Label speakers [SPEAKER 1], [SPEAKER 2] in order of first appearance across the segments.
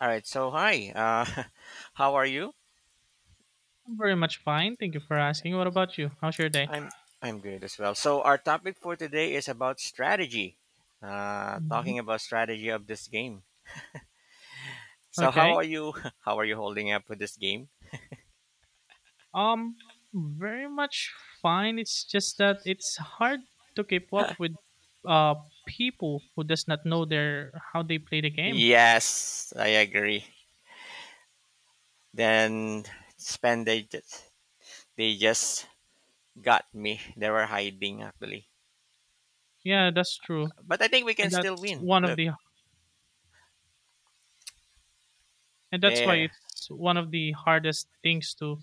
[SPEAKER 1] All right. So hi. How are you?
[SPEAKER 2] I'm very much fine. Thank you for asking. What about you? How's your day?
[SPEAKER 1] I'm I'm good as well. So our topic for today is about strategy.
[SPEAKER 2] hmm
[SPEAKER 1] Talking about strategy of this game. So how
[SPEAKER 2] Okay.
[SPEAKER 1] are you? How are you holding up with this game?
[SPEAKER 2] Um, Very much fine. It's just that it's hard to keep up with uh people who does not know their how they play the game.
[SPEAKER 1] Yes, I agree. Then spend they just got me. They were hiding actually.
[SPEAKER 2] Yeah, that's true.
[SPEAKER 1] But I think we can
[SPEAKER 2] And
[SPEAKER 1] still
[SPEAKER 2] that's
[SPEAKER 1] win.
[SPEAKER 2] one of
[SPEAKER 1] Look
[SPEAKER 2] the and that's why
[SPEAKER 1] there.
[SPEAKER 2] it's one of the hardest things to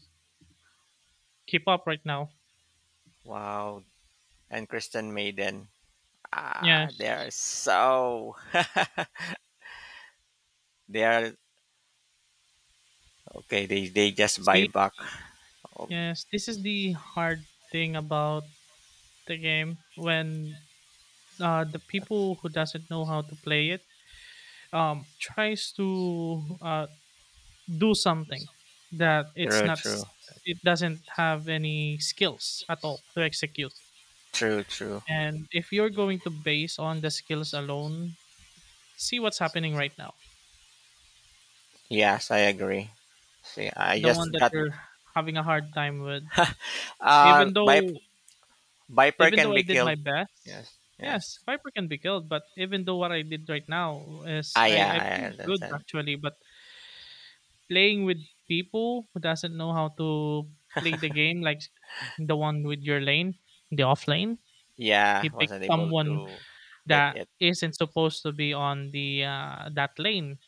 [SPEAKER 2] keep up right now.
[SPEAKER 1] Wow. And Kristen Maiden. Ah, they're
[SPEAKER 2] Yes.
[SPEAKER 1] so they are Okay, they just buy back. Oh,
[SPEAKER 2] Yes, this is the hard thing about the game when the people who doesn't know how to play it tries to do something that it's
[SPEAKER 1] true,
[SPEAKER 2] not
[SPEAKER 1] true,
[SPEAKER 2] s- it doesn't have any skills at all to execute.
[SPEAKER 1] true, true.
[SPEAKER 2] And if you're going to base on the skills alone, see what's happening right now,
[SPEAKER 1] Yes, I agree. See, I
[SPEAKER 2] the one
[SPEAKER 1] just
[SPEAKER 2] that
[SPEAKER 1] got
[SPEAKER 2] you're having a hard time with.
[SPEAKER 1] uh,
[SPEAKER 2] even
[SPEAKER 1] vip-
[SPEAKER 2] though
[SPEAKER 1] viper
[SPEAKER 2] Even though
[SPEAKER 1] can
[SPEAKER 2] I
[SPEAKER 1] be
[SPEAKER 2] did my
[SPEAKER 1] killed.
[SPEAKER 2] best,
[SPEAKER 1] Yes,
[SPEAKER 2] yes,
[SPEAKER 1] yes.
[SPEAKER 2] viper can be killed, but even though what I did right now is
[SPEAKER 1] Ah,
[SPEAKER 2] i
[SPEAKER 1] yeah,
[SPEAKER 2] i
[SPEAKER 1] I
[SPEAKER 2] played good
[SPEAKER 1] understand.
[SPEAKER 2] actually. But playing with people who doesn't know how to play the game, like the one with your lane, the off lane. He
[SPEAKER 1] Yeah,
[SPEAKER 2] picks
[SPEAKER 1] wasn't able
[SPEAKER 2] someone
[SPEAKER 1] to hit
[SPEAKER 2] that
[SPEAKER 1] it.
[SPEAKER 2] isn't supposed to be on the that lane.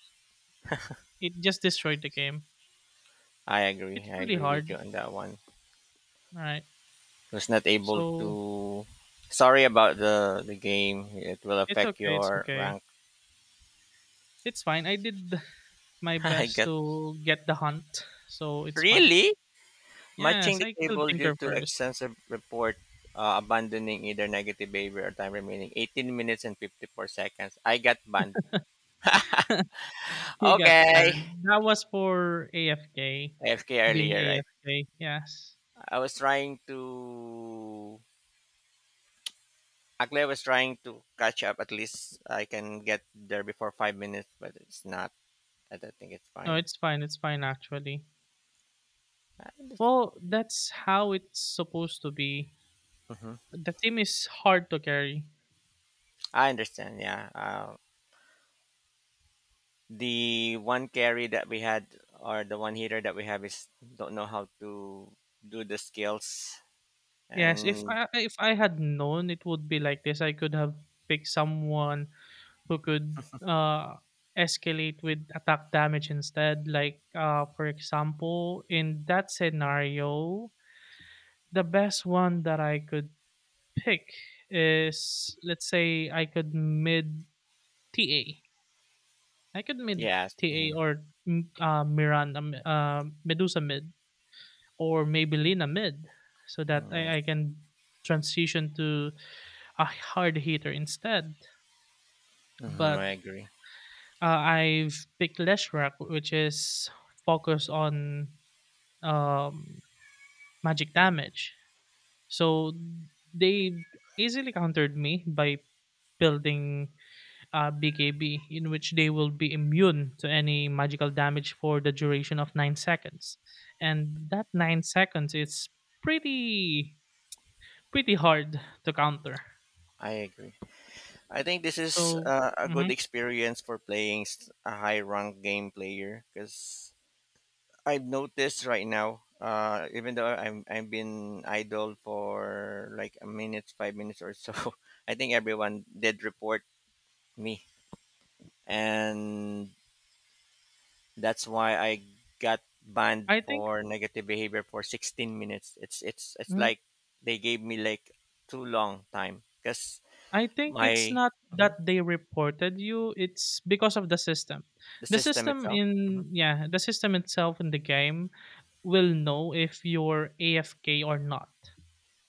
[SPEAKER 2] It just destroyed the game.
[SPEAKER 1] I agree.
[SPEAKER 2] It's
[SPEAKER 1] I
[SPEAKER 2] really
[SPEAKER 1] agree with you
[SPEAKER 2] hard,
[SPEAKER 1] on that one.
[SPEAKER 2] right?
[SPEAKER 1] Was not able
[SPEAKER 2] So
[SPEAKER 1] to. Sorry about the game. It will
[SPEAKER 2] it's
[SPEAKER 1] affect
[SPEAKER 2] okay. It's
[SPEAKER 1] your
[SPEAKER 2] okay.
[SPEAKER 1] rank.
[SPEAKER 2] It's fine. I did my
[SPEAKER 1] I
[SPEAKER 2] best
[SPEAKER 1] got
[SPEAKER 2] to get the hunt, so it's fine.
[SPEAKER 1] really. Matching
[SPEAKER 2] Yes,
[SPEAKER 1] the
[SPEAKER 2] I killed
[SPEAKER 1] cable due
[SPEAKER 2] Tinker
[SPEAKER 1] to
[SPEAKER 2] first.
[SPEAKER 1] extensive report abandoning either negative behavior or time remaining 18 minutes and 54 seconds. I got banned.
[SPEAKER 2] You got
[SPEAKER 1] Okay.
[SPEAKER 2] banned. That was for AFK,
[SPEAKER 1] AFK
[SPEAKER 2] being
[SPEAKER 1] earlier, right?
[SPEAKER 2] AFK. Yes.
[SPEAKER 1] I was trying to. Actually, I was trying to catch up. At least I can get there before 5 minutes, but it's not. I don't think it's
[SPEAKER 2] No,
[SPEAKER 1] fine.
[SPEAKER 2] it's fine. It's fine actually.
[SPEAKER 1] I under-
[SPEAKER 2] Well, that's how it's supposed to be.
[SPEAKER 1] Mhm.
[SPEAKER 2] The team is hard to carry.
[SPEAKER 1] I understand. Yeah. The one carry that we had, or the one hitter that we have, is don't know how to do the skills.
[SPEAKER 2] Yes, if
[SPEAKER 1] And
[SPEAKER 2] I if I had known it would be like this, I could have picked someone who could uh escalate with attack damage instead. Like for example, in that scenario, the best one that I could pick is, let's say, I could mid TA I could mid
[SPEAKER 1] yes,
[SPEAKER 2] TA
[SPEAKER 1] mhm,
[SPEAKER 2] or Medusa mid, or maybe Lina mid, so that
[SPEAKER 1] yes,
[SPEAKER 2] I can transition to a hard hitter instead.
[SPEAKER 1] mhm,
[SPEAKER 2] But
[SPEAKER 1] I agree.
[SPEAKER 2] I've picked Leshrac, which is focused on um, magic damage. So they easily countered me by building BKB, in which they will be immune to any magical damage for the duration of 9 seconds. And that 9 seconds is pretty pretty hard to counter.
[SPEAKER 1] I agree. I think this is
[SPEAKER 2] So
[SPEAKER 1] a good
[SPEAKER 2] mhm,
[SPEAKER 1] experience for playing a high rank game player, because I've noticed right now, even though I've been idle for like a minute, 5 minutes or so, I think everyone did report me. And that's why I got banned
[SPEAKER 2] I think
[SPEAKER 1] for negative behavior for 16 minutes. It's
[SPEAKER 2] mhm,
[SPEAKER 1] like they gave me like too long time because
[SPEAKER 2] I think it's
[SPEAKER 1] my
[SPEAKER 2] not that
[SPEAKER 1] Mhm.
[SPEAKER 2] they reported you; it's because of the system.
[SPEAKER 1] The
[SPEAKER 2] The
[SPEAKER 1] system
[SPEAKER 2] system
[SPEAKER 1] itself. Mhm.
[SPEAKER 2] in Yeah, the system itself in the game will know if you're AFK or not.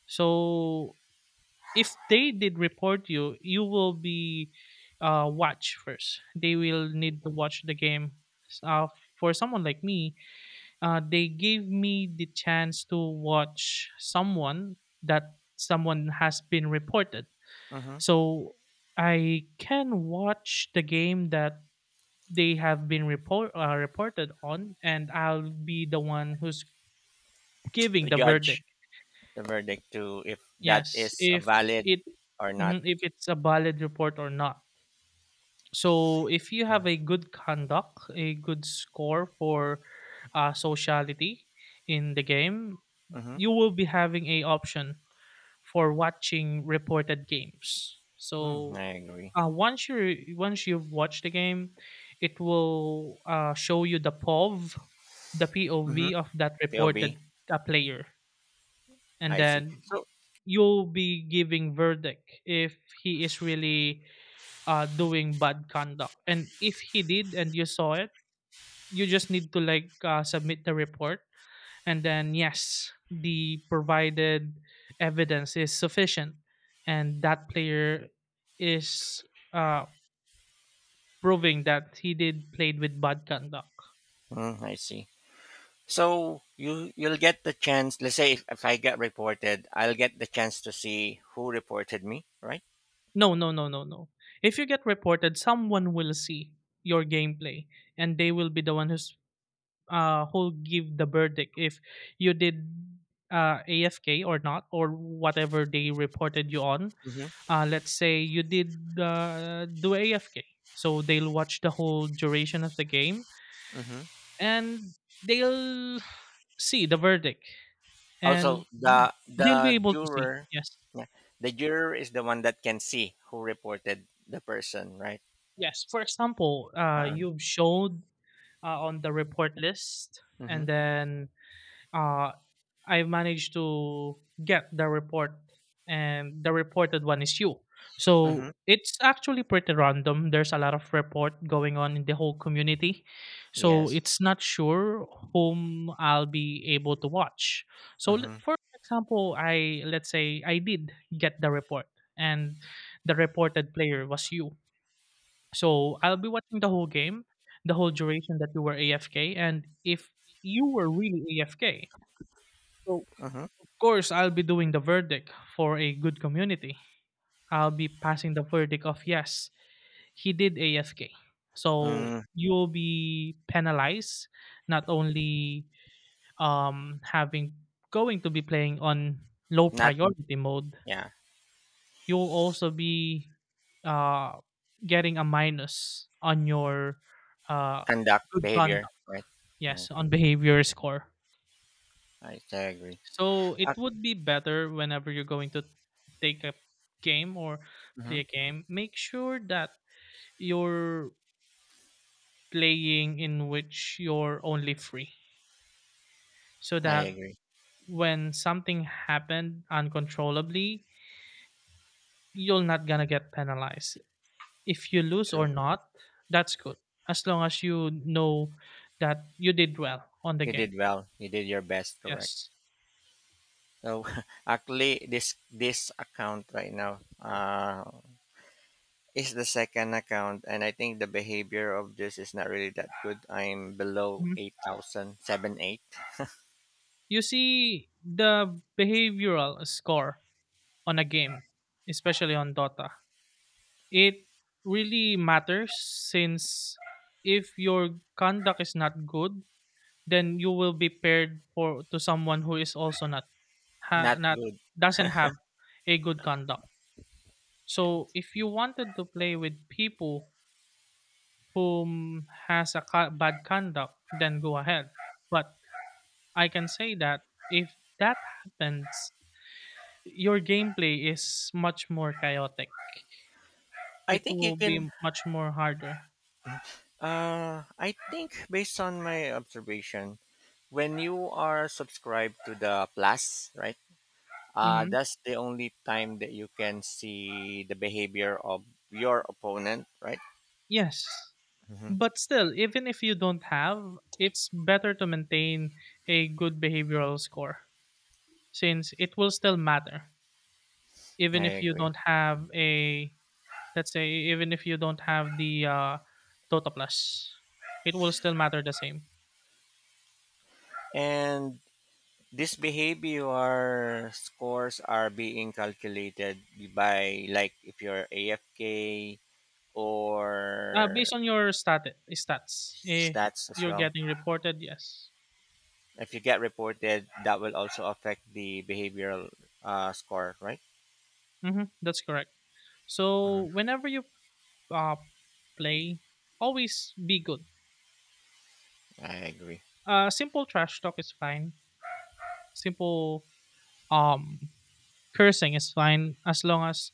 [SPEAKER 2] So if they did report you, you will be watched first. They will need to watch the game. Uh, for someone like me, they gave me the chance to watch someone that someone has been reported.
[SPEAKER 1] Mhm.
[SPEAKER 2] So I can watch the game that they have been reported on, and I'll be the one who's giving
[SPEAKER 1] To
[SPEAKER 2] the verdict.
[SPEAKER 1] judge the verdict to if that
[SPEAKER 2] Yes,
[SPEAKER 1] is a
[SPEAKER 2] if
[SPEAKER 1] valid
[SPEAKER 2] it
[SPEAKER 1] or not.
[SPEAKER 2] mhm, if it's a valid report or not. So, if you have a good conduct, a good score for sociality in the game,
[SPEAKER 1] Mm-hmm.
[SPEAKER 2] you will be having a option for watching reported games.
[SPEAKER 1] Hmm,
[SPEAKER 2] So,
[SPEAKER 1] I agree.
[SPEAKER 2] once you've watched the game, it will show you the POV, the
[SPEAKER 1] Mm-hmm.
[SPEAKER 2] POV of that
[SPEAKER 1] POV.
[SPEAKER 2] reported player, and
[SPEAKER 1] See.
[SPEAKER 2] then you'll be giving verdict if he is really doing bad conduct. And if he did, and you saw it, you just need to like submit the report, and then yes, the provided evidence is sufficient and that player is uh proving that he did played with bad conduct.
[SPEAKER 1] Mm, I see. So you'll get the chance. Let's say if I get reported, I'll get the chance to see who reported me, right?
[SPEAKER 2] No. If you get reported, someone will see your gameplay and they will be the one who's who give the verdict if you did AFK or not, or whatever they reported you on. Let's say you did do AFK, so they'll watch the whole duration of the game
[SPEAKER 1] Mm-hmm.
[SPEAKER 2] and they'll see the verdict,
[SPEAKER 1] Also,
[SPEAKER 2] and
[SPEAKER 1] the
[SPEAKER 2] they'll be able to see.
[SPEAKER 1] juror,
[SPEAKER 2] Yes,
[SPEAKER 1] yeah, the juror is the one that can see who reported the person, right?
[SPEAKER 2] yes. For example,
[SPEAKER 1] Um,
[SPEAKER 2] you've showed on the report list,
[SPEAKER 1] mm-hmm,
[SPEAKER 2] and then uh, I managed to get the report, and the reported one is you. So
[SPEAKER 1] mm-hmm,
[SPEAKER 2] it's actually pretty random. There's a lot of report going on in the whole community, so
[SPEAKER 1] yes.
[SPEAKER 2] it's not sure whom I'll be able to watch. So
[SPEAKER 1] Mm-hmm,
[SPEAKER 2] for example, I let's say I did get the report, and the reported player was you. So I'll be watching the whole game, the whole duration that you were AFK, and if you were really AFK, so
[SPEAKER 1] mm-hmm.
[SPEAKER 2] course, I'll be doing the verdict for a good community. I'll be passing the verdict of yes, he did AFK. So
[SPEAKER 1] Mm,
[SPEAKER 2] you will be penalized, not only having going to be playing on low
[SPEAKER 1] not,
[SPEAKER 2] priority mode.
[SPEAKER 1] yeah,
[SPEAKER 2] You will also be uh, getting a minus on your uh,
[SPEAKER 1] conduct
[SPEAKER 2] good conduct.
[SPEAKER 1] behavior, right? Yeah,
[SPEAKER 2] Yes, on behavior score.
[SPEAKER 1] I agree.
[SPEAKER 2] So it
[SPEAKER 1] Uh,
[SPEAKER 2] would be better whenever you're going to take a game or play
[SPEAKER 1] mhm,
[SPEAKER 2] a game, make sure that you're playing in which you're only free. So
[SPEAKER 1] I
[SPEAKER 2] that
[SPEAKER 1] agree.
[SPEAKER 2] when something happened uncontrollably, you're not gonna get penalized. If you lose or
[SPEAKER 1] True.
[SPEAKER 2] not, that's good. As long as you know that you did well on the
[SPEAKER 1] You
[SPEAKER 2] game.
[SPEAKER 1] did well. You did your best. Correct.
[SPEAKER 2] Yes.
[SPEAKER 1] So actually, this account right now, is the second account, and I think the behavior of this is not really that good. I'm below
[SPEAKER 2] Mhm.
[SPEAKER 1] 8,007 8.
[SPEAKER 2] You see the behavioral score on a game, especially on Dota. It really matters since if your conduct is not good, then you will be paired for to someone who is also
[SPEAKER 1] Not
[SPEAKER 2] not
[SPEAKER 1] good.
[SPEAKER 2] doesn't have a good conduct. So if you wanted to play with people whom has a bad conduct, then go ahead. But I can say that if that happens, your gameplay is much more chaotic.
[SPEAKER 1] i
[SPEAKER 2] It
[SPEAKER 1] think you
[SPEAKER 2] will be
[SPEAKER 1] can
[SPEAKER 2] m- much more harder.
[SPEAKER 1] I think based on my observation, when you are subscribed to the Plus, right,
[SPEAKER 2] hmm
[SPEAKER 1] that's the only time that you can see the behavior of your opponent, right?
[SPEAKER 2] Yes.
[SPEAKER 1] Hmm,
[SPEAKER 2] But still, even if you don't have, it's better to maintain a good behavioral score since it will still matter.
[SPEAKER 1] I
[SPEAKER 2] Even if you
[SPEAKER 1] agree.
[SPEAKER 2] don't have a, let's say, even if you don't have the Tota Plus, it will still matter the same.
[SPEAKER 1] And these behavior scores are being calculated by, like, if you're AFK or
[SPEAKER 2] Based on your stats, if
[SPEAKER 1] stats as
[SPEAKER 2] you're
[SPEAKER 1] well.
[SPEAKER 2] getting reported, yes.
[SPEAKER 1] If you get reported, that will also affect the behavioral score, right?
[SPEAKER 2] That's correct.
[SPEAKER 1] Mm,
[SPEAKER 2] So whenever you uh, play, always be good.
[SPEAKER 1] I agree.
[SPEAKER 2] Simple trash talk is fine. Simple um cursing is fine as long as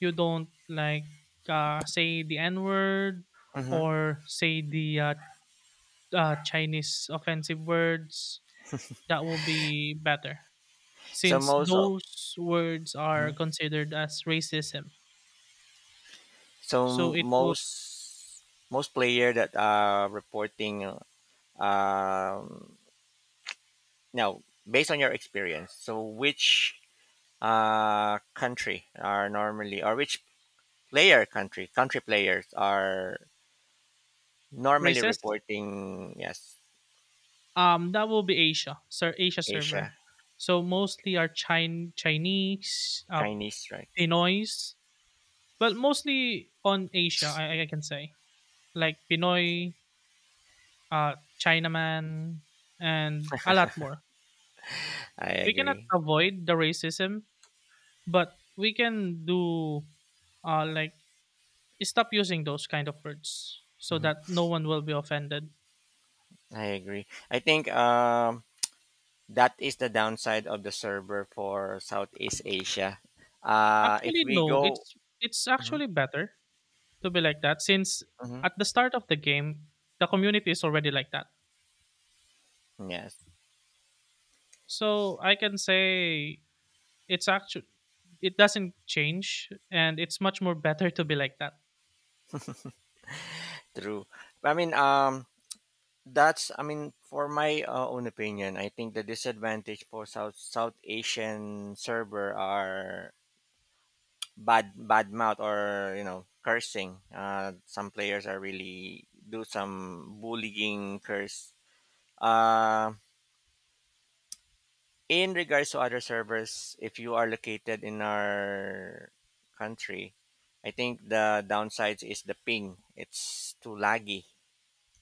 [SPEAKER 2] you don't like say the N word
[SPEAKER 1] Hmm.
[SPEAKER 2] or say the Chinese offensive words. That will be better
[SPEAKER 1] So
[SPEAKER 2] since
[SPEAKER 1] most of-
[SPEAKER 2] those words
[SPEAKER 1] mhm.
[SPEAKER 2] are considered as racism.
[SPEAKER 1] So
[SPEAKER 2] So it will
[SPEAKER 1] most player that are reporting, um, now, based on your experience. So which country are normally, or which player country players are normally
[SPEAKER 2] Racist.
[SPEAKER 1] reporting yes?
[SPEAKER 2] That will be Asia, sir, Asia server.
[SPEAKER 1] Asia.
[SPEAKER 2] So mostly are Chinese,
[SPEAKER 1] Chinese, right?
[SPEAKER 2] Pinoys. Well, mostly on Asia, I can say. Like Pinoy, uh, Chinaman, and a lot more.
[SPEAKER 1] I
[SPEAKER 2] We cannot
[SPEAKER 1] agree.
[SPEAKER 2] avoid the racism, but we can do, like, stop using those kind of words so
[SPEAKER 1] Mhm.
[SPEAKER 2] that no one will be offended.
[SPEAKER 1] I agree. I think, that is the downside of the server for southeast asia, if
[SPEAKER 2] Actually,
[SPEAKER 1] we
[SPEAKER 2] no.
[SPEAKER 1] go.
[SPEAKER 2] It's
[SPEAKER 1] Mhm,
[SPEAKER 2] actually better to be like that since
[SPEAKER 1] mhm.
[SPEAKER 2] at the start of the game, the community is already like that.
[SPEAKER 1] Yes,
[SPEAKER 2] So I can say it's actually it doesn't change and it's much more better to be like that.
[SPEAKER 1] true. I mean, that's — I mean, for my own opinion, I think the disadvantage for South Asian server are bad mouth or cursing. Some players are really do some bullying curse. Uh, in regards to other servers, if you are located in our country, I think the downsides is the ping. It's too laggy.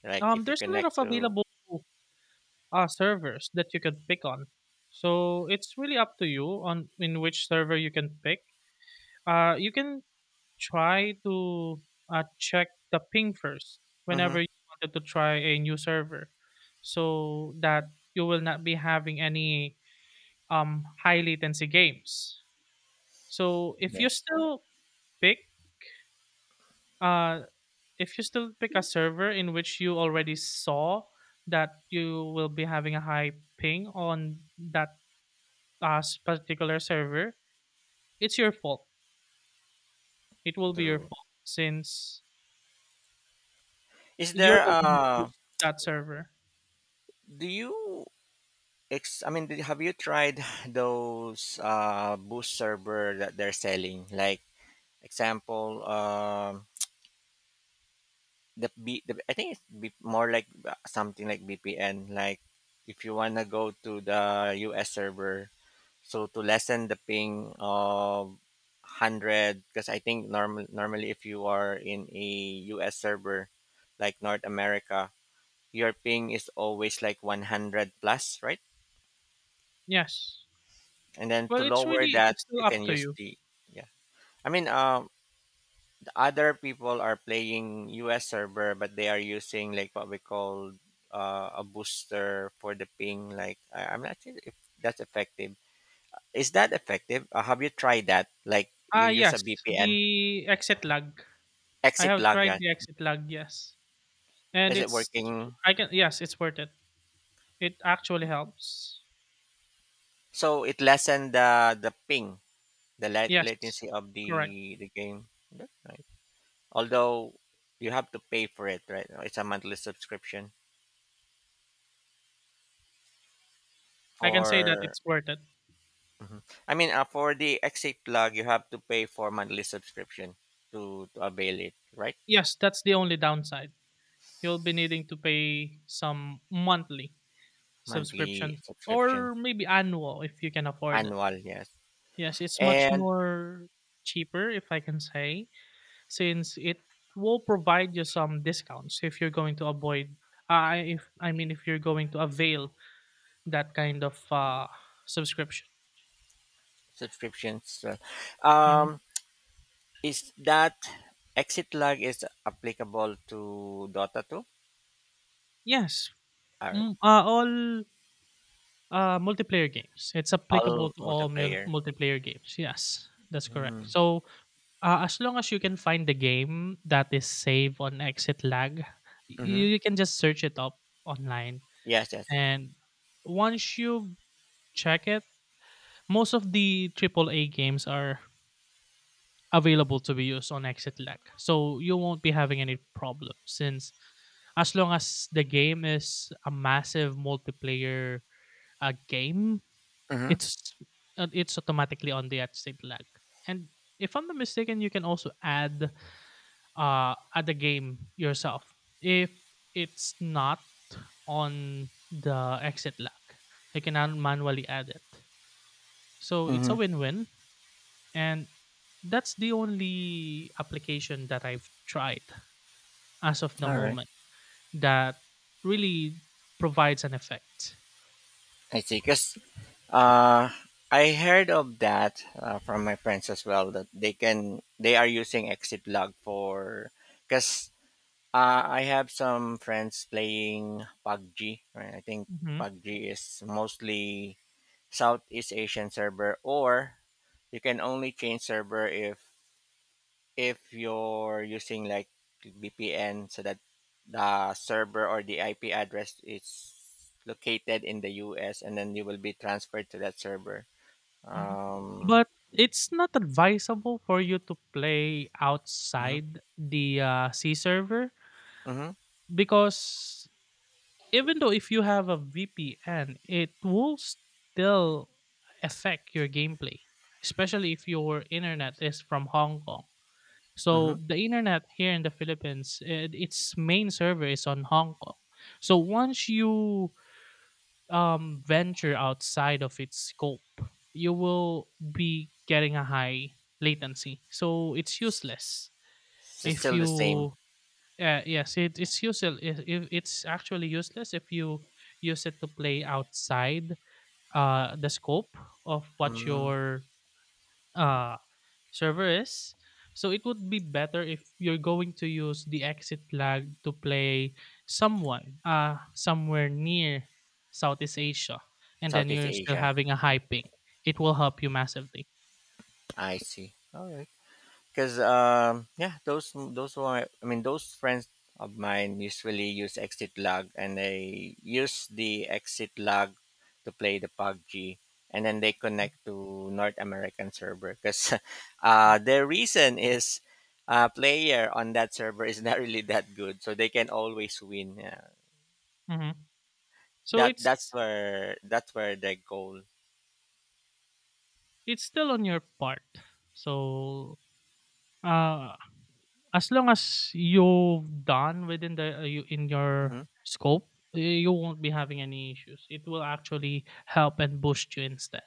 [SPEAKER 1] Like if you
[SPEAKER 2] There's a lot of
[SPEAKER 1] connect to,
[SPEAKER 2] available servers that you can pick on, so it's really up to you on in which server you can pick. You can try to check the ping first whenever
[SPEAKER 1] Mhm.
[SPEAKER 2] you wanted to try a new server, so that you will not be having any high latency games. So
[SPEAKER 1] Yeah,
[SPEAKER 2] pick uh if you still pick a server in which you already saw that you will be having a high ping on that particular server, it's your fault. It will be your
[SPEAKER 1] true.
[SPEAKER 2] fault since
[SPEAKER 1] Is
[SPEAKER 2] you're
[SPEAKER 1] there
[SPEAKER 2] the one who
[SPEAKER 1] a
[SPEAKER 2] chose that server.
[SPEAKER 1] Do you I mean, have you tried those boost server that they're selling? Like example, the, B, the I think it's B, more like something like VPN. Like if you wanna go to the US server, so to lessen the ping of hundred, because I think normally if you are in a US server, like North America, your ping is always like 100 plus, right?
[SPEAKER 2] Yes.
[SPEAKER 1] And then
[SPEAKER 2] Well,
[SPEAKER 1] to
[SPEAKER 2] it's
[SPEAKER 1] lower
[SPEAKER 2] really
[SPEAKER 1] that
[SPEAKER 2] it's still
[SPEAKER 1] you can
[SPEAKER 2] up to
[SPEAKER 1] use
[SPEAKER 2] you.
[SPEAKER 1] the yeah. I mean, the other people are playing us server, but they are using like what we call a booster for the ping, like I'm not sure if that's effective. Is that effective, have you tried that? Like
[SPEAKER 2] Ah,
[SPEAKER 1] you use a
[SPEAKER 2] yes,
[SPEAKER 1] vpn.
[SPEAKER 2] the exit lag. I
[SPEAKER 1] Exit
[SPEAKER 2] have
[SPEAKER 1] log,
[SPEAKER 2] tried
[SPEAKER 1] yeah.
[SPEAKER 2] the exit lag. Yes, and
[SPEAKER 1] Is it
[SPEAKER 2] it's
[SPEAKER 1] working?
[SPEAKER 2] I can yes, it's worth it. It actually helps.
[SPEAKER 1] So it lessened the ping, the
[SPEAKER 2] Yes,
[SPEAKER 1] latency of the
[SPEAKER 2] correct.
[SPEAKER 1] the game. That's nice. Although you have to pay for it, right? It's a monthly subscription
[SPEAKER 2] I can say that
[SPEAKER 1] for,
[SPEAKER 2] it's worth it.
[SPEAKER 1] Mhm. I mean for the exit plug you have to pay for monthly subscription to avail it, right?
[SPEAKER 2] Yes, that's the only downside. You'll be needing to pay some monthly
[SPEAKER 1] Monthly
[SPEAKER 2] subscription,
[SPEAKER 1] subscription,
[SPEAKER 2] or maybe annual if you can afford it.
[SPEAKER 1] annual, yes.
[SPEAKER 2] Yes, it's much
[SPEAKER 1] And
[SPEAKER 2] more cheaper if I can say, since it will provide you some discounts if you're going to avoid if I mean if you're going to avail that kind of subscription.
[SPEAKER 1] subscriptions.
[SPEAKER 2] Mhm.
[SPEAKER 1] Um is that exit lag is applicable to Dota 2?
[SPEAKER 2] Yes,
[SPEAKER 1] All right.
[SPEAKER 2] all multiplayer games. It's applicable
[SPEAKER 1] All
[SPEAKER 2] to all
[SPEAKER 1] multiplayer.
[SPEAKER 2] multiplayer games. Yes, that's correct.
[SPEAKER 1] Mm-hmm.
[SPEAKER 2] So as long as you can find the game that is save on exit lag, you can just search it up online.
[SPEAKER 1] Yes, yes, yes.
[SPEAKER 2] And once you check it, most of the triple A games are available to be used on exit lag. So you won't be having any problem since as long as the game is a massive multiplayer game,
[SPEAKER 1] Mm-hmm.
[SPEAKER 2] it's it's automatically on the exit lag. And if I'm not mistaken, you can also add at the game yourself if it's not on the exit lag. I can manually add it. So it's
[SPEAKER 1] Mm-hmm.
[SPEAKER 2] a win-win, and that's the only application that I've tried as of the
[SPEAKER 1] All right.
[SPEAKER 2] moment that really provides an effect.
[SPEAKER 1] I see. Because Uh, I heard of that from my friends as well, that they are using exit log for, because I have some friends playing PUBG. Right, I think
[SPEAKER 2] hmm
[SPEAKER 1] PUBG is mostly Southeast Asian server, or you can only change server if you're using like VPN, so that the server or the IP address is located in the US, and then you will be transferred to that server.
[SPEAKER 2] hmm
[SPEAKER 1] Um,
[SPEAKER 2] But it's not advisable for you to play
[SPEAKER 1] mhm,
[SPEAKER 2] outside the C server
[SPEAKER 1] mhm,
[SPEAKER 2] because even though if you have a VPN, it will still affect your gameplay, especially if your internet is from Hong Kong.
[SPEAKER 1] mhm.
[SPEAKER 2] So the internet here in the Philippines, its main server is on Hong Kong. So once you venture outside of its scope, you will be getting a high latency. So it's useless
[SPEAKER 1] It's
[SPEAKER 2] if
[SPEAKER 1] still the same.
[SPEAKER 2] you, yes, it's useful. It's actually useless if you use it to play outside the scope of what
[SPEAKER 1] Mm,
[SPEAKER 2] your uh, server is. So it would be better if you're going to use the exit lag to play someone somewhere near Southeast Asia, and then
[SPEAKER 1] Southeast
[SPEAKER 2] you're still
[SPEAKER 1] Asia.
[SPEAKER 2] having a high ping. It will help you massively.
[SPEAKER 1] I see. All right. Because yeah, those were my — I mean those friends of mine usually use exit lag, and they use the exit lag to play the PUBG, and then they connect to North American server because the reason is. Player on that server is not really that good, so they can always win. Yeah.
[SPEAKER 2] Mhm. So
[SPEAKER 1] That that's
[SPEAKER 2] it's
[SPEAKER 1] where that's where the goal.
[SPEAKER 2] it's still on your part. So uh, As long as you've done within the you in your
[SPEAKER 1] Hmm.
[SPEAKER 2] scope, you won't be having any issues. It will actually help and boost you instead.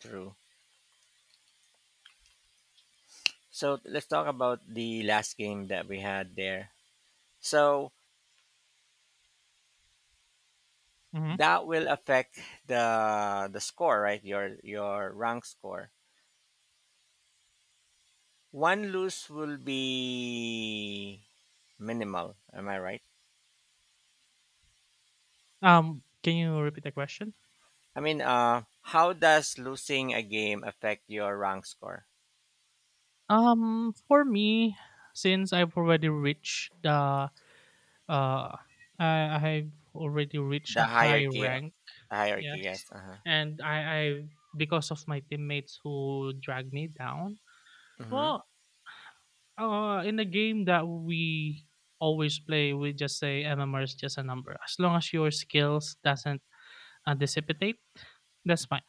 [SPEAKER 1] True. So let's talk about the last game that we had there. So
[SPEAKER 2] hmm
[SPEAKER 1] that will affect the score, right? Your rank score. One lose will be minimal. Am I right?
[SPEAKER 2] Can you repeat the question?
[SPEAKER 1] I mean, how does losing a game affect your rank score?
[SPEAKER 2] For me, since uh, I I've already reached a
[SPEAKER 1] The
[SPEAKER 2] high rank.
[SPEAKER 1] hierarchy,
[SPEAKER 2] Yes,
[SPEAKER 1] yes. Uh huh.
[SPEAKER 2] and I because of my teammates who dragged me down.
[SPEAKER 1] Mm-hmm.
[SPEAKER 2] Well, in the game that we always play, we just say MMR is just a number. As long as your skills doesn't dissipate, that's fine.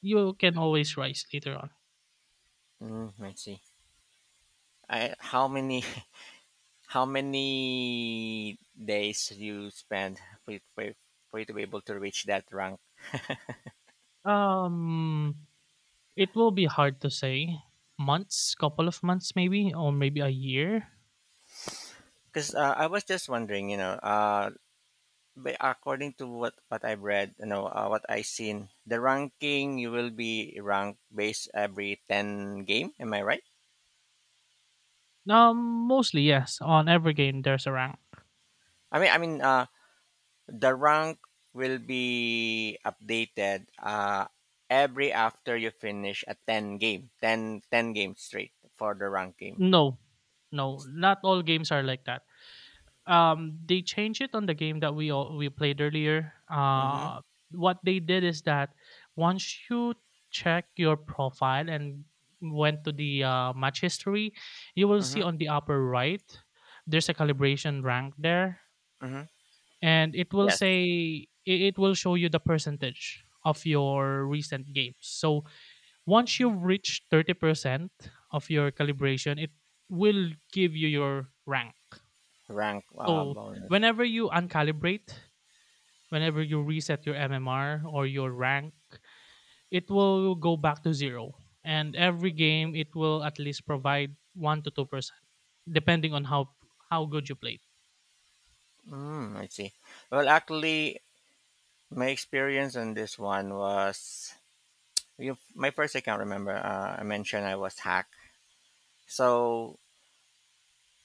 [SPEAKER 2] You can always rise later on.
[SPEAKER 1] Mm, I see. I how many How many days you spend for you to be able to reach that rank?
[SPEAKER 2] Um, it will be hard to say. Months, couple of months maybe, or maybe a year.
[SPEAKER 1] Because I was just wondering, but according to what I've read, what I seen, the ranking you will be ranked based every ten game. Am I right?
[SPEAKER 2] Um, Mostly yes. On every game, there's a rank.
[SPEAKER 1] I mean, the rank will be updated every after you finish a ten game, ten ten 10 games straight for the ranking.
[SPEAKER 2] No, no, not all games are like that. They changed it on the game that we all we played earlier.
[SPEAKER 1] Mm-hmm.
[SPEAKER 2] What they did is that once you check your profile and went to the match history, you will see
[SPEAKER 1] Mm-hmm.
[SPEAKER 2] on the upper right there's a calibration rank there,
[SPEAKER 1] Mm-hmm.
[SPEAKER 2] and it will
[SPEAKER 1] Yes.
[SPEAKER 2] say it will show you the percentage of your recent games. So once you've reached 30% of your calibration, it will give you your rank.
[SPEAKER 1] Rank
[SPEAKER 2] So
[SPEAKER 1] bonus.
[SPEAKER 2] whenever you uncalibrate, whenever you reset your MMR or your rank, it will go back to zero. And every game, it will at least provide 1 to 2%, depending on how good you played.
[SPEAKER 1] Mm, I see. Well, actually, my experience on this one was you, my first account. Remember, I mentioned I was hacked. So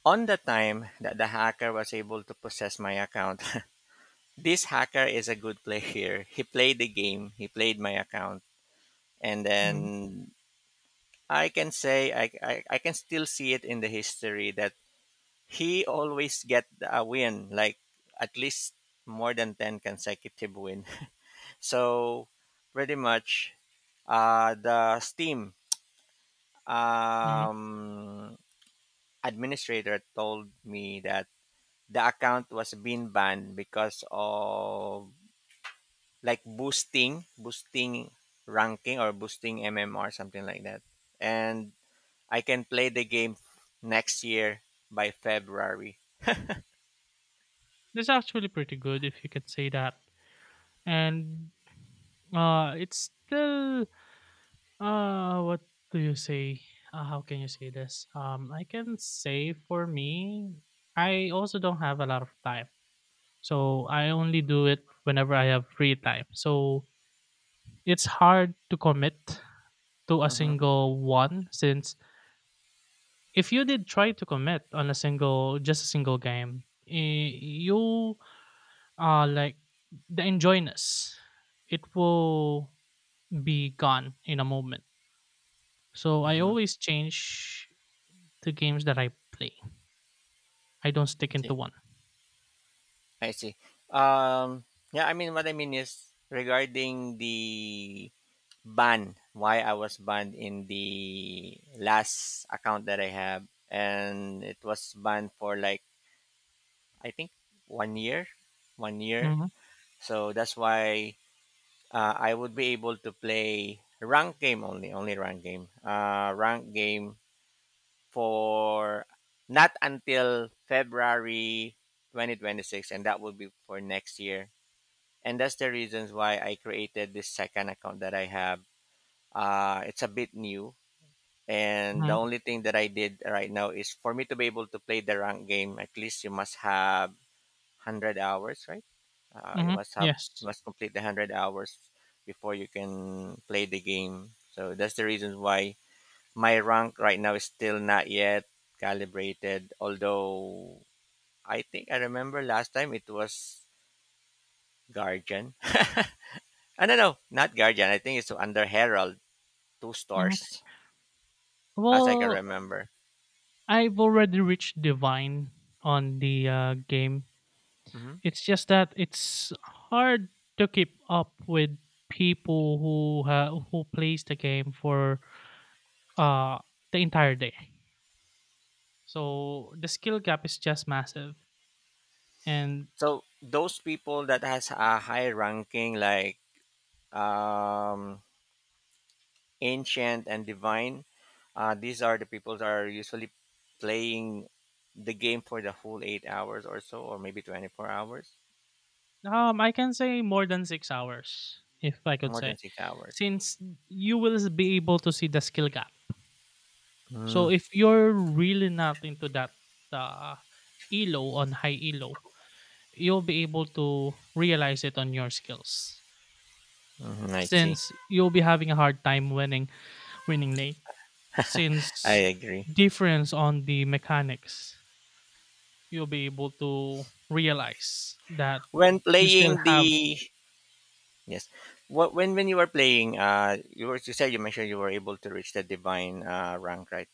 [SPEAKER 1] on the time that the hacker was able to possess my account, this hacker is a good player. He played the game. He played my account, and
[SPEAKER 2] Mhm,
[SPEAKER 1] then I can say I can still see it in the history that he always get a win, like at least more than 10 consecutive win. So pretty much, the Steam
[SPEAKER 2] mhm.
[SPEAKER 1] um, administrator told me that the account was being banned because of like boosting ranking or boosting MMR, something like that. And I can play the game next year by February.
[SPEAKER 2] That's actually pretty good if you can say that. And it's still what do you say? How can you say this? I can say for me, I also don't have a lot of time. So I only do it whenever I have free time. So it's hard to commit to a
[SPEAKER 1] Hmm.
[SPEAKER 2] single one, since if you did try to commit on a single, just a single game, you like, the enjoyness, it will be gone in a moment. So I
[SPEAKER 1] Hmm.
[SPEAKER 2] always change the games that I play. I don't stick
[SPEAKER 1] Okay.
[SPEAKER 2] into one.
[SPEAKER 1] I see. Um, yeah, I mean, what I mean is regarding the banned why I was banned in the last account that I have, and it was banned for like I think one year one year
[SPEAKER 2] Mm-hmm.
[SPEAKER 1] so that's why, I would be able to play rank game, only rank game for not until February 2026, and that would be for next year. And that's the reasons why I created this second account that I have, it's a bit new. And the
[SPEAKER 2] Mm-hmm.
[SPEAKER 1] only thing that I did right now is for me to be able to play the rank game, at least you must have 100 hours, right? Uh, you
[SPEAKER 2] Mm-hmm.
[SPEAKER 1] must have you
[SPEAKER 2] Yes.
[SPEAKER 1] must complete the 100 hours before you can play the game. So that's the reason why my rank right now is still not yet calibrated, although I think I remember last time it was Guardian. I don't know, not Guardian. I think it's under Herald, two
[SPEAKER 2] hmm
[SPEAKER 1] stars, as I can
[SPEAKER 2] Well,
[SPEAKER 1] remember.
[SPEAKER 2] I've already reached divine on the game.
[SPEAKER 1] Mhm.
[SPEAKER 2] It's just that it's hard to keep up with people who who plays the game for uh the entire day. So the skill gap is just massive, and
[SPEAKER 1] So those people that has a high ranking like um, ancient and divine, these are the people that are usually playing the game for the whole 8 hours or so, or maybe 24 hours,
[SPEAKER 2] I can say more than 6 hours if I could
[SPEAKER 1] more than
[SPEAKER 2] say,
[SPEAKER 1] 6 hours.
[SPEAKER 2] since you will be able to see the skill gap.
[SPEAKER 1] Mm,
[SPEAKER 2] So if you're really not into that uh, elo on high elo, you'll be able to realize it on your skills,
[SPEAKER 1] mhm, I see.
[SPEAKER 2] since you'll be having a hard time winning late,
[SPEAKER 1] I
[SPEAKER 2] since
[SPEAKER 1] agree.
[SPEAKER 2] difference on the mechanics you'll be able to realize that.
[SPEAKER 1] When
[SPEAKER 2] You still
[SPEAKER 1] playing
[SPEAKER 2] have.
[SPEAKER 1] the yes, Wh- when you were playing, you mentioned you were able to reach the divine rank, right?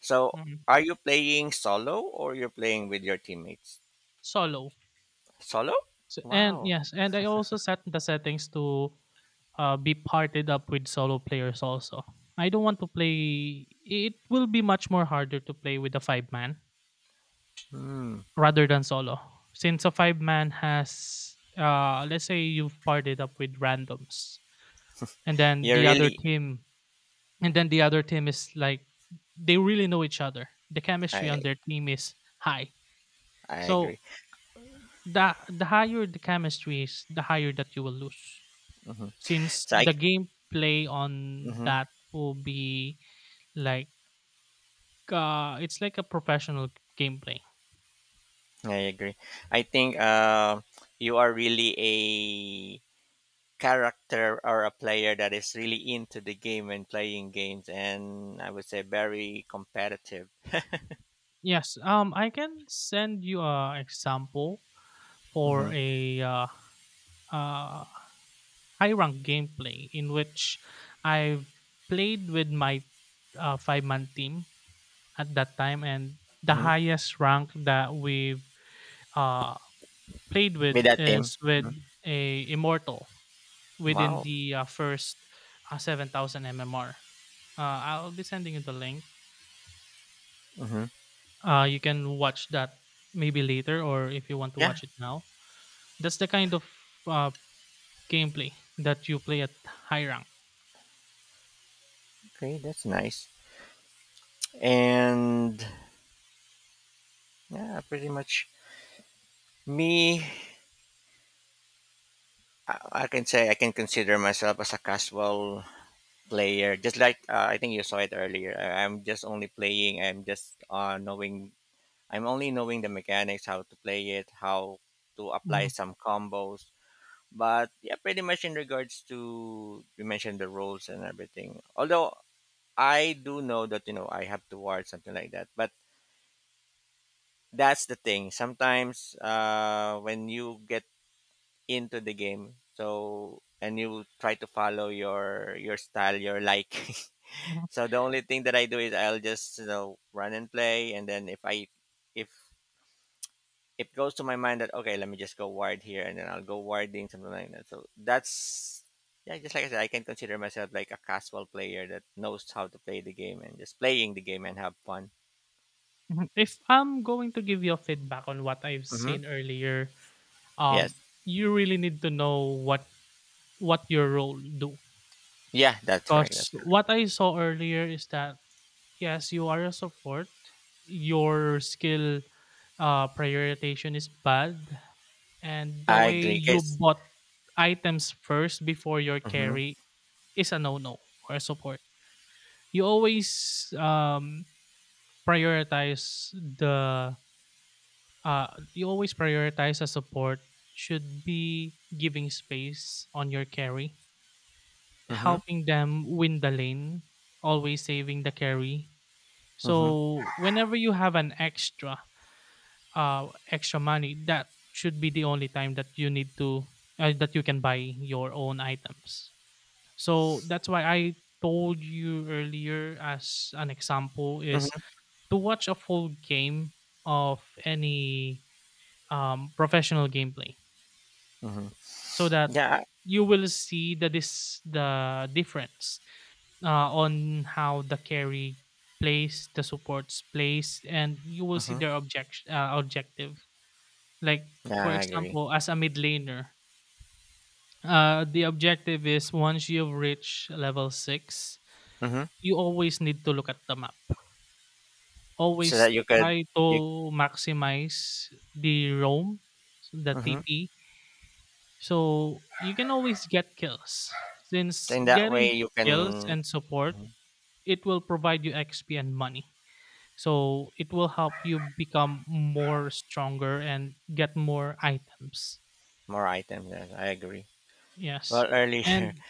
[SPEAKER 1] So
[SPEAKER 2] mm,
[SPEAKER 1] are you playing solo or you're playing with your teammates?
[SPEAKER 2] Solo.
[SPEAKER 1] Solo?
[SPEAKER 2] So, and
[SPEAKER 1] Wow.
[SPEAKER 2] yes, and I also set the settings to be parted up with solo players also. I don't want to play. It will be much more harder to play with a five-man
[SPEAKER 1] Hmm.
[SPEAKER 2] rather than solo. Since a five-man has, let's say you've partied up with randoms, and then
[SPEAKER 1] You're
[SPEAKER 2] the other
[SPEAKER 1] really.
[SPEAKER 2] team, and then the other team is like they really know each other. The chemistry
[SPEAKER 1] I
[SPEAKER 2] on their team is high.
[SPEAKER 1] I
[SPEAKER 2] So
[SPEAKER 1] agree.
[SPEAKER 2] the higher the chemistry is, the higher that you will lose.
[SPEAKER 1] Hmm.
[SPEAKER 2] Since
[SPEAKER 1] So I.
[SPEAKER 2] the gameplay on
[SPEAKER 1] hmm
[SPEAKER 2] that will be like it's like a professional gameplay.
[SPEAKER 1] I agree. I think you are really a character or a player that is really into the game and playing games, and I would say very competitive.
[SPEAKER 2] Yes. I can send you a example for
[SPEAKER 1] Mm-hmm.
[SPEAKER 2] a uh, high rank gameplay in which I played with my five-man team at that time, and the
[SPEAKER 1] Mm-hmm.
[SPEAKER 2] highest rank that we've uh, played
[SPEAKER 1] With
[SPEAKER 2] with
[SPEAKER 1] that team.
[SPEAKER 2] is with
[SPEAKER 1] Mhm.
[SPEAKER 2] a immortal, within
[SPEAKER 1] Wow.
[SPEAKER 2] the first 7,000 MMR. I'll be sending you the link.
[SPEAKER 1] Hmm.
[SPEAKER 2] You can watch that maybe later, or if you want to
[SPEAKER 1] Yeah.
[SPEAKER 2] watch it now. That's the kind of uh, gameplay that you play at high rank.
[SPEAKER 1] Okay, that's nice. And yeah, pretty much me. I can say I can consider myself as a casual player just like I think you saw it earlier I- I'm just only playing I'm just knowing I'm only knowing the mechanics, how to play it, how to apply
[SPEAKER 2] Mhm,
[SPEAKER 1] some combos, but yeah, pretty much in regards to you mentioned the rules and everything. Although I do know that you know I have to ward, something like that. But that's the thing, sometimes when you get into the game, and you try to follow your style, your liking.
[SPEAKER 2] mhm,
[SPEAKER 1] So the only thing that I do is I'll just, you know, run and play, and then if it goes to my mind that okay, let me just go wide here, and then I'll go warding, something like that. So that's yeah, just like I said, I can consider myself like a casual player that knows how to play the game and just playing the game and have fun.
[SPEAKER 2] mhm. If I'm going to give you a feedback on what I've
[SPEAKER 1] Hmm.
[SPEAKER 2] seen earlier,
[SPEAKER 1] Yes,
[SPEAKER 2] um, you really need to know what your role do.
[SPEAKER 1] yeah, that's right.
[SPEAKER 2] Because
[SPEAKER 1] That's correct.
[SPEAKER 2] what I saw earlier is that yes, you are a support. Your skill prioritization is bad, and the
[SPEAKER 1] I
[SPEAKER 2] way
[SPEAKER 1] agree,
[SPEAKER 2] you
[SPEAKER 1] guys.
[SPEAKER 2] bought items first before your
[SPEAKER 1] Mm-hmm.
[SPEAKER 2] carry is a no-no for a support. You always um, prioritize the uh, you always prioritize a support should be giving space on your carry,
[SPEAKER 1] Mm-hmm.
[SPEAKER 2] helping them win the lane, always saving the carry.
[SPEAKER 1] Mm-hmm.
[SPEAKER 2] So whenever you have an extra extra money, that should be the only time that you need to that you can buy your own items. So that's why I told you earlier as an example is
[SPEAKER 1] Mm-hmm.
[SPEAKER 2] to watch a full game of any professional gameplay,
[SPEAKER 1] Mm-hmm.
[SPEAKER 2] so that
[SPEAKER 1] Yeah.
[SPEAKER 2] you will see the difference on how the carry plays, the supports plays, and you will see
[SPEAKER 1] Mm-hmm.
[SPEAKER 2] their objective. Like, for
[SPEAKER 1] Yeah, I agree.
[SPEAKER 2] example, as a mid laner, the objective is once you've reached level 6,
[SPEAKER 1] Mm-hmm.
[SPEAKER 2] you always need to look at the map.
[SPEAKER 1] So
[SPEAKER 2] Always
[SPEAKER 1] that you could
[SPEAKER 2] try to
[SPEAKER 1] you.
[SPEAKER 2] maximize the roam, so the
[SPEAKER 1] Mm-hmm.
[SPEAKER 2] TP, so you can always get kills.
[SPEAKER 1] So
[SPEAKER 2] Since
[SPEAKER 1] in that way,
[SPEAKER 2] getting
[SPEAKER 1] you
[SPEAKER 2] kills
[SPEAKER 1] can.
[SPEAKER 2] and support, it will provide you XP and money. So it will help you become more stronger and get more items.
[SPEAKER 1] More items, yes, I agree.
[SPEAKER 2] Yes.
[SPEAKER 1] Well, earlier,
[SPEAKER 2] And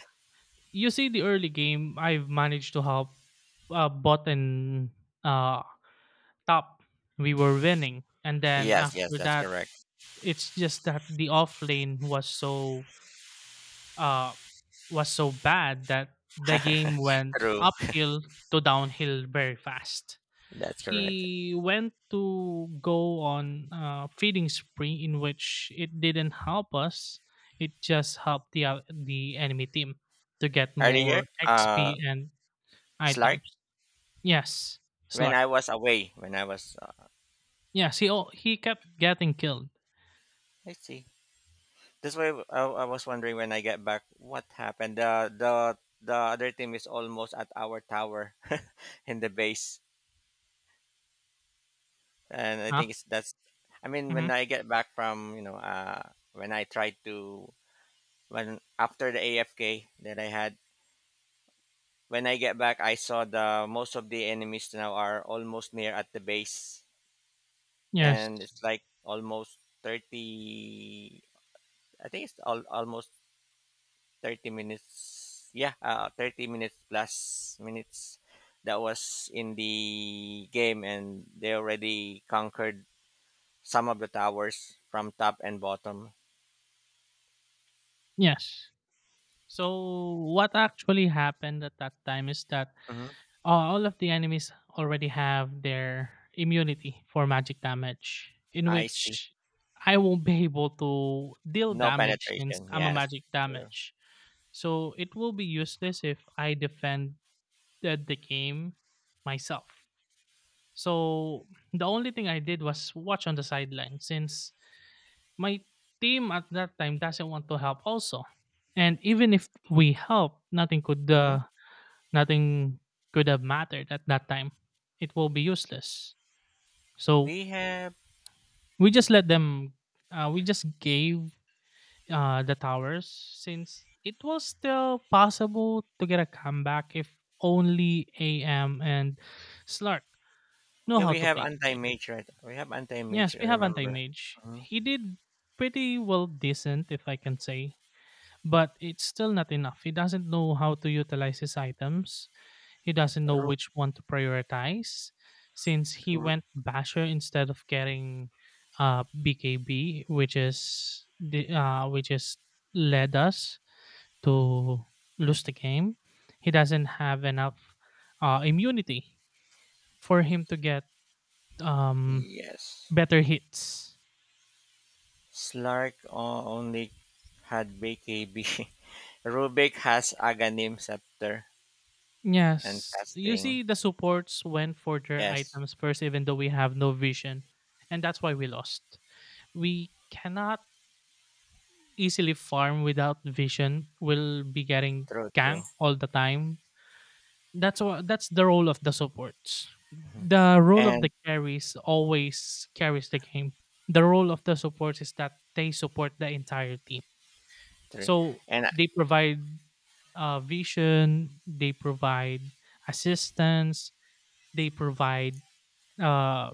[SPEAKER 2] you see the early game I've managed to help bot and uh, top. We were winning, and then
[SPEAKER 1] yes,
[SPEAKER 2] after
[SPEAKER 1] that's
[SPEAKER 2] that,
[SPEAKER 1] correct.
[SPEAKER 2] it's just that the off lane was so uh bad that the game went
[SPEAKER 1] True,
[SPEAKER 2] uphill to downhill very fast.
[SPEAKER 1] that's correct.
[SPEAKER 2] He went to go on a feeding spree, in which it didn't help us. It just helped the enemy team to get
[SPEAKER 1] Earlier,
[SPEAKER 2] more XP and
[SPEAKER 1] Slark,
[SPEAKER 2] items. Yes.
[SPEAKER 1] when
[SPEAKER 2] Slark.
[SPEAKER 1] I was away, when I was,
[SPEAKER 2] Yes, he kept getting killed.
[SPEAKER 1] let's see, this way, I was wondering when I get back, what happened? The other team is almost at our tower, in the base, and I
[SPEAKER 2] Huh?
[SPEAKER 1] think it's that's. I mean,
[SPEAKER 2] Hmm.
[SPEAKER 1] when I get back from, you know, when I tried to when after the AFK that I had, when I get back, I saw the most of the enemies now are almost near at the base,
[SPEAKER 2] Yes.
[SPEAKER 1] and it's like almost 30. I think it's al- almost 30 minutes. Yeah, 30 minutes plus minutes that was in the game, and they already conquered some of the towers from top and bottom.
[SPEAKER 2] Yes. So what actually happened at that time is that
[SPEAKER 1] Hmm.
[SPEAKER 2] all of the enemies already have their immunity for magic damage, in
[SPEAKER 1] I see.
[SPEAKER 2] which I won't be able to deal
[SPEAKER 1] No
[SPEAKER 2] damage since
[SPEAKER 1] penetration.
[SPEAKER 2] I'm a
[SPEAKER 1] Yes.
[SPEAKER 2] magic
[SPEAKER 1] True.
[SPEAKER 2] damage. So it will be useless if I defended the game myself. So the only thing I did was watch on the sideline, since my team at that time doesn't want to help also. And even if we help,
[SPEAKER 1] Hmm
[SPEAKER 2] nothing could have mattered at that time. It will be useless. So
[SPEAKER 1] We have.
[SPEAKER 2] we just let them. We just gave the towers, since it was still possible to get a comeback if only AM and Slark know
[SPEAKER 1] Yeah,
[SPEAKER 2] how
[SPEAKER 1] we
[SPEAKER 2] to
[SPEAKER 1] have
[SPEAKER 2] play the game.
[SPEAKER 1] anti-mage, right? We have anti-mage,
[SPEAKER 2] Yes,
[SPEAKER 1] I
[SPEAKER 2] we have
[SPEAKER 1] remember.
[SPEAKER 2] Anti-Mage.
[SPEAKER 1] Mhm.
[SPEAKER 2] He did pretty well decent, if I can say. But it's still not enough. He doesn't know how to utilize his items. He doesn't know
[SPEAKER 1] Ru-
[SPEAKER 2] which one to prioritize. Since he
[SPEAKER 1] ru-
[SPEAKER 2] went Basher instead of getting BKB, which is the which is led us to lose the game. He doesn't have enough immunity for him to get um,
[SPEAKER 1] yes.
[SPEAKER 2] better hits.
[SPEAKER 1] Slark o- only had BKB. Rubik has Aghanim Scepter and
[SPEAKER 2] Yes. You
[SPEAKER 1] casting.
[SPEAKER 2] see, the supports went for their
[SPEAKER 1] Yes,
[SPEAKER 2] items first, even though we have no vision. And that's why we lost. We cannot easily farm without vision. We'll be getting
[SPEAKER 1] true, true.
[SPEAKER 2] ganked all the time. That's the role of the supports. The role of
[SPEAKER 1] And
[SPEAKER 2] the carries always carries the game. The role of the supports is that they support the entire team.
[SPEAKER 1] three.
[SPEAKER 2] So
[SPEAKER 1] And
[SPEAKER 2] they provide vision, they provide assistance, they provide uh,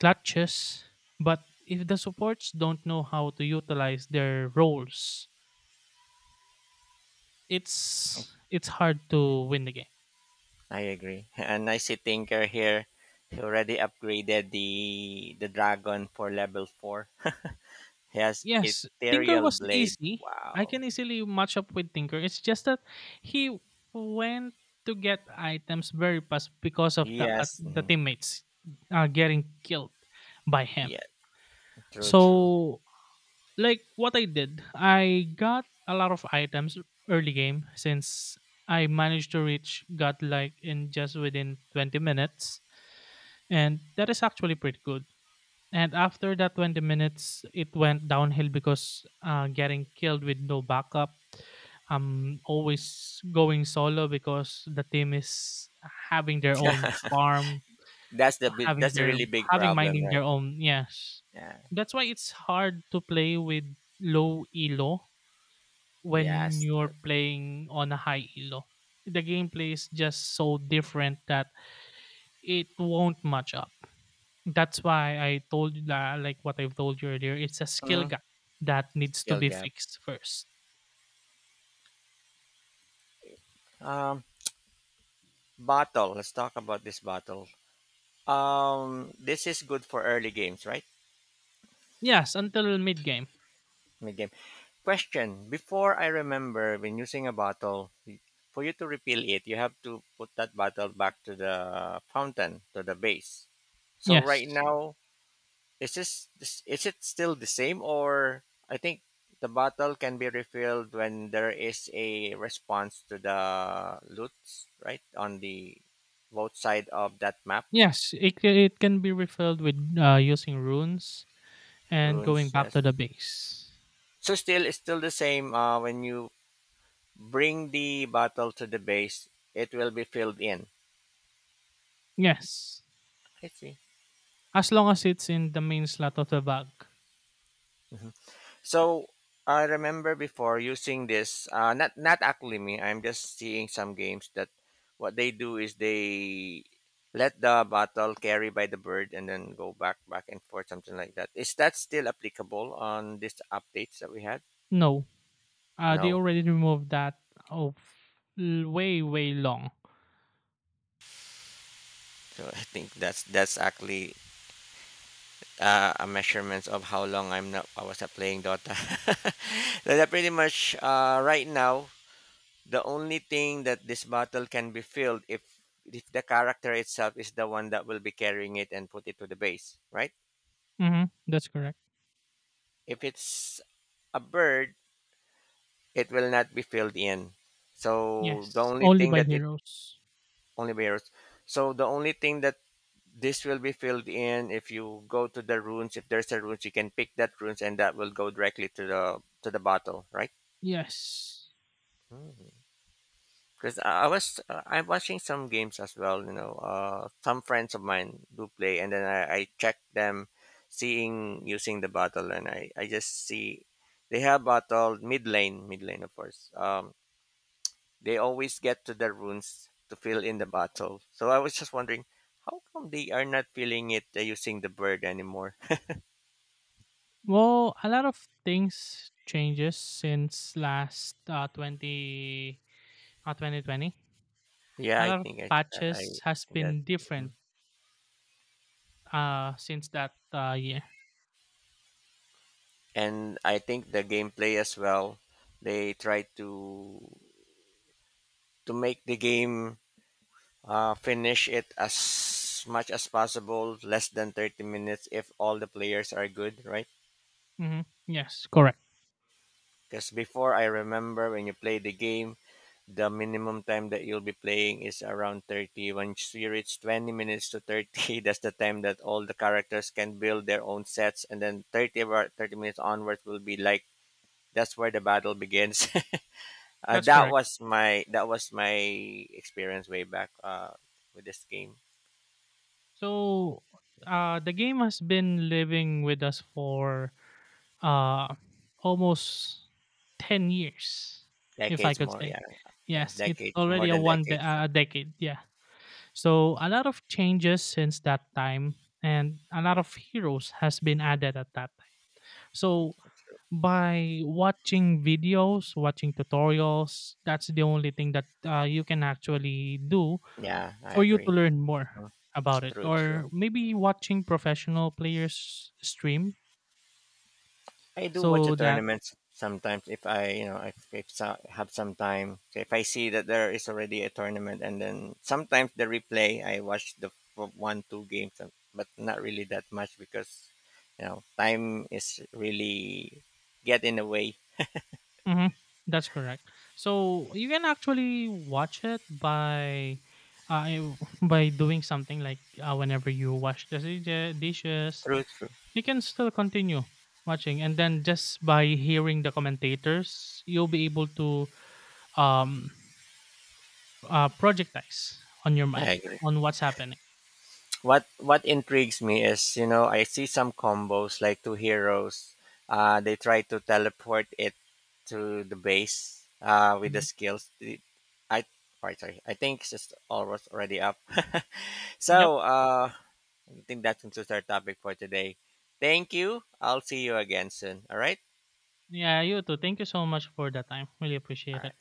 [SPEAKER 2] clutches, but if the supports don't know how to utilize their roles, it's hard to win the game.
[SPEAKER 1] I agree. And I see Tinker here. He already upgraded the dragon for level four. He has
[SPEAKER 2] Yes, Tinker
[SPEAKER 1] Ethereal
[SPEAKER 2] was
[SPEAKER 1] Blade.
[SPEAKER 2] easy. I
[SPEAKER 1] Wow.
[SPEAKER 2] can easily match up with Tinker. It's just that he went to get items very fast because of
[SPEAKER 1] Yes.
[SPEAKER 2] the
[SPEAKER 1] Mhm.
[SPEAKER 2] teammates getting killed by him.
[SPEAKER 1] Yeah. True. True.
[SPEAKER 2] So, like what I did, I got a lot of items early game, since I managed to reach godlike in just within 20 minutes, and that is actually pretty good. And after that 20 minutes, it went downhill because getting killed with no backup. I'm always going solo because the team is having their own farm,
[SPEAKER 1] That's the big,
[SPEAKER 2] having
[SPEAKER 1] that's a
[SPEAKER 2] their
[SPEAKER 1] really big
[SPEAKER 2] having
[SPEAKER 1] problem,
[SPEAKER 2] minding
[SPEAKER 1] right?
[SPEAKER 2] their own. Yes,
[SPEAKER 1] Yeah,
[SPEAKER 2] that's why it's hard to play with low elo when
[SPEAKER 1] yes.
[SPEAKER 2] you're playing on a high elo. The gameplay is just so different that it won't match up. That's why I told you that, like what I've told you earlier, it's a skill
[SPEAKER 1] Mhm,
[SPEAKER 2] gap that needs to
[SPEAKER 1] Skill
[SPEAKER 2] be
[SPEAKER 1] gap.
[SPEAKER 2] fixed first.
[SPEAKER 1] Um, bottle. Let's talk about this bottle. This is good for early games, right?
[SPEAKER 2] Yes, until mid game.
[SPEAKER 1] Mid game. Question: before I remember, when using a bottle, for you to refill it, you have to put that bottle back to the fountain, to the base. So right
[SPEAKER 2] Yes,
[SPEAKER 1] now, is this, this is it still the same, or I think the bottle can be refilled when there is a response to the loots, right? On the both side of that map.
[SPEAKER 2] yes, it can be refilled with using runes and going
[SPEAKER 1] Runes,
[SPEAKER 2] back
[SPEAKER 1] yes.
[SPEAKER 2] to the base.
[SPEAKER 1] So still it's still the same when you bring the bottle to the base, it will be filled in.
[SPEAKER 2] Yes,
[SPEAKER 1] I see.
[SPEAKER 2] as long as it's in the main slot of the bag.
[SPEAKER 1] Mhm. So I remember before using this. Not actually me. I'm just seeing some games that what they do is they let the bottle carry by the bird and then go back and forth, something like that. Is that still applicable on these updates that we had?
[SPEAKER 2] No. They
[SPEAKER 1] No.
[SPEAKER 2] already removed that of way, way long.
[SPEAKER 1] So I think that's actually a measurement of how long I was not playing Dota. That's pretty much right now. The only thing that this bottle can be filled, if the character itself is the one that will be carrying it and put it to the base, right?
[SPEAKER 2] That's correct.
[SPEAKER 1] If it's a bird, it will not be filled in. So the
[SPEAKER 2] Yes.
[SPEAKER 1] only
[SPEAKER 2] Only
[SPEAKER 1] thing
[SPEAKER 2] by
[SPEAKER 1] that it
[SPEAKER 2] heroes.
[SPEAKER 1] only bears. So the only thing that this will be filled in, if you go to the runes. If there's a runes, you can pick that runes, and that will go directly to the bottle, right?
[SPEAKER 2] Yes.
[SPEAKER 1] Mm. Because I was, I'm watching some games as well. You know, some friends of mine do play, and then I check them, seeing using the bottle, and I just see they have bottle mid lane of course. They always get to their runes to fill in the bottle. So I was just wondering how come they are not filling it using the bird anymore.
[SPEAKER 2] Well, a lot of things changes since last 2020.
[SPEAKER 1] Yeah,
[SPEAKER 2] A
[SPEAKER 1] I
[SPEAKER 2] lot of
[SPEAKER 1] think I
[SPEAKER 2] patches has
[SPEAKER 1] see that.
[SPEAKER 2] been
[SPEAKER 1] Mhm.
[SPEAKER 2] different since that year.
[SPEAKER 1] And I think the gameplay as well. They try to make the game, finish it as much as possible, less than 30 minutes if all the players are good, right?
[SPEAKER 2] hmm Yes, correct.
[SPEAKER 1] Because before I remember when you play the game, the minimum time that you'll be playing is around 30. Once you reach 20 minutes to 30, that's the time that all the characters can build their own sets, and then 30 or 30 minutes onwards will be like that's where the battle begins.
[SPEAKER 2] That's
[SPEAKER 1] That
[SPEAKER 2] correct.
[SPEAKER 1] was my experience way back with this game,
[SPEAKER 2] So, the game has been living with us for uh, almost 10 years, if I
[SPEAKER 1] decades
[SPEAKER 2] could
[SPEAKER 1] more.
[SPEAKER 2] say.
[SPEAKER 1] Yeah. Yeah,
[SPEAKER 2] Yes, it's
[SPEAKER 1] decades, more
[SPEAKER 2] already a
[SPEAKER 1] than
[SPEAKER 2] one de-
[SPEAKER 1] decades.
[SPEAKER 2] a decade. Yeah. So, a lot of changes since that time, and a lot of heroes has been added at that time. So, by watching videos, watching tutorials, that's the only thing that you can actually do
[SPEAKER 1] Yeah, I
[SPEAKER 2] for you to
[SPEAKER 1] agree.
[SPEAKER 2] learn more
[SPEAKER 1] Mm,
[SPEAKER 2] about it,
[SPEAKER 1] true, true.
[SPEAKER 2] or maybe watching professional players stream,
[SPEAKER 1] I do watch the
[SPEAKER 2] so that.
[SPEAKER 1] tournaments sometimes if I, you know, if so, have some time. So if I see that there is already a tournament, and then sometimes the replay, I watch the one two games, and- but not really that much because, you know, time is really get in the way.
[SPEAKER 2] Mhm, that's correct. So you can actually watch it uh, by doing something like whenever you wash the dishes.
[SPEAKER 1] True, true.
[SPEAKER 2] You can still continue watching, and then just by hearing the commentators, you'll be able to um projectize on your mind
[SPEAKER 1] I agree.
[SPEAKER 2] on what's happening.
[SPEAKER 1] What intrigues me is, you know, I see some combos like two heroes. They try to teleport it to the base with the
[SPEAKER 2] Mhm.
[SPEAKER 1] skills. It- I sorry. I think it's just almost already up.
[SPEAKER 2] Yep.
[SPEAKER 1] So I think that concludes our topic for today. Thank you. I'll see you again soon. All right.
[SPEAKER 2] Yeah, you too. Thank you so much for the time. Really
[SPEAKER 1] All
[SPEAKER 2] appreciate it.
[SPEAKER 1] right.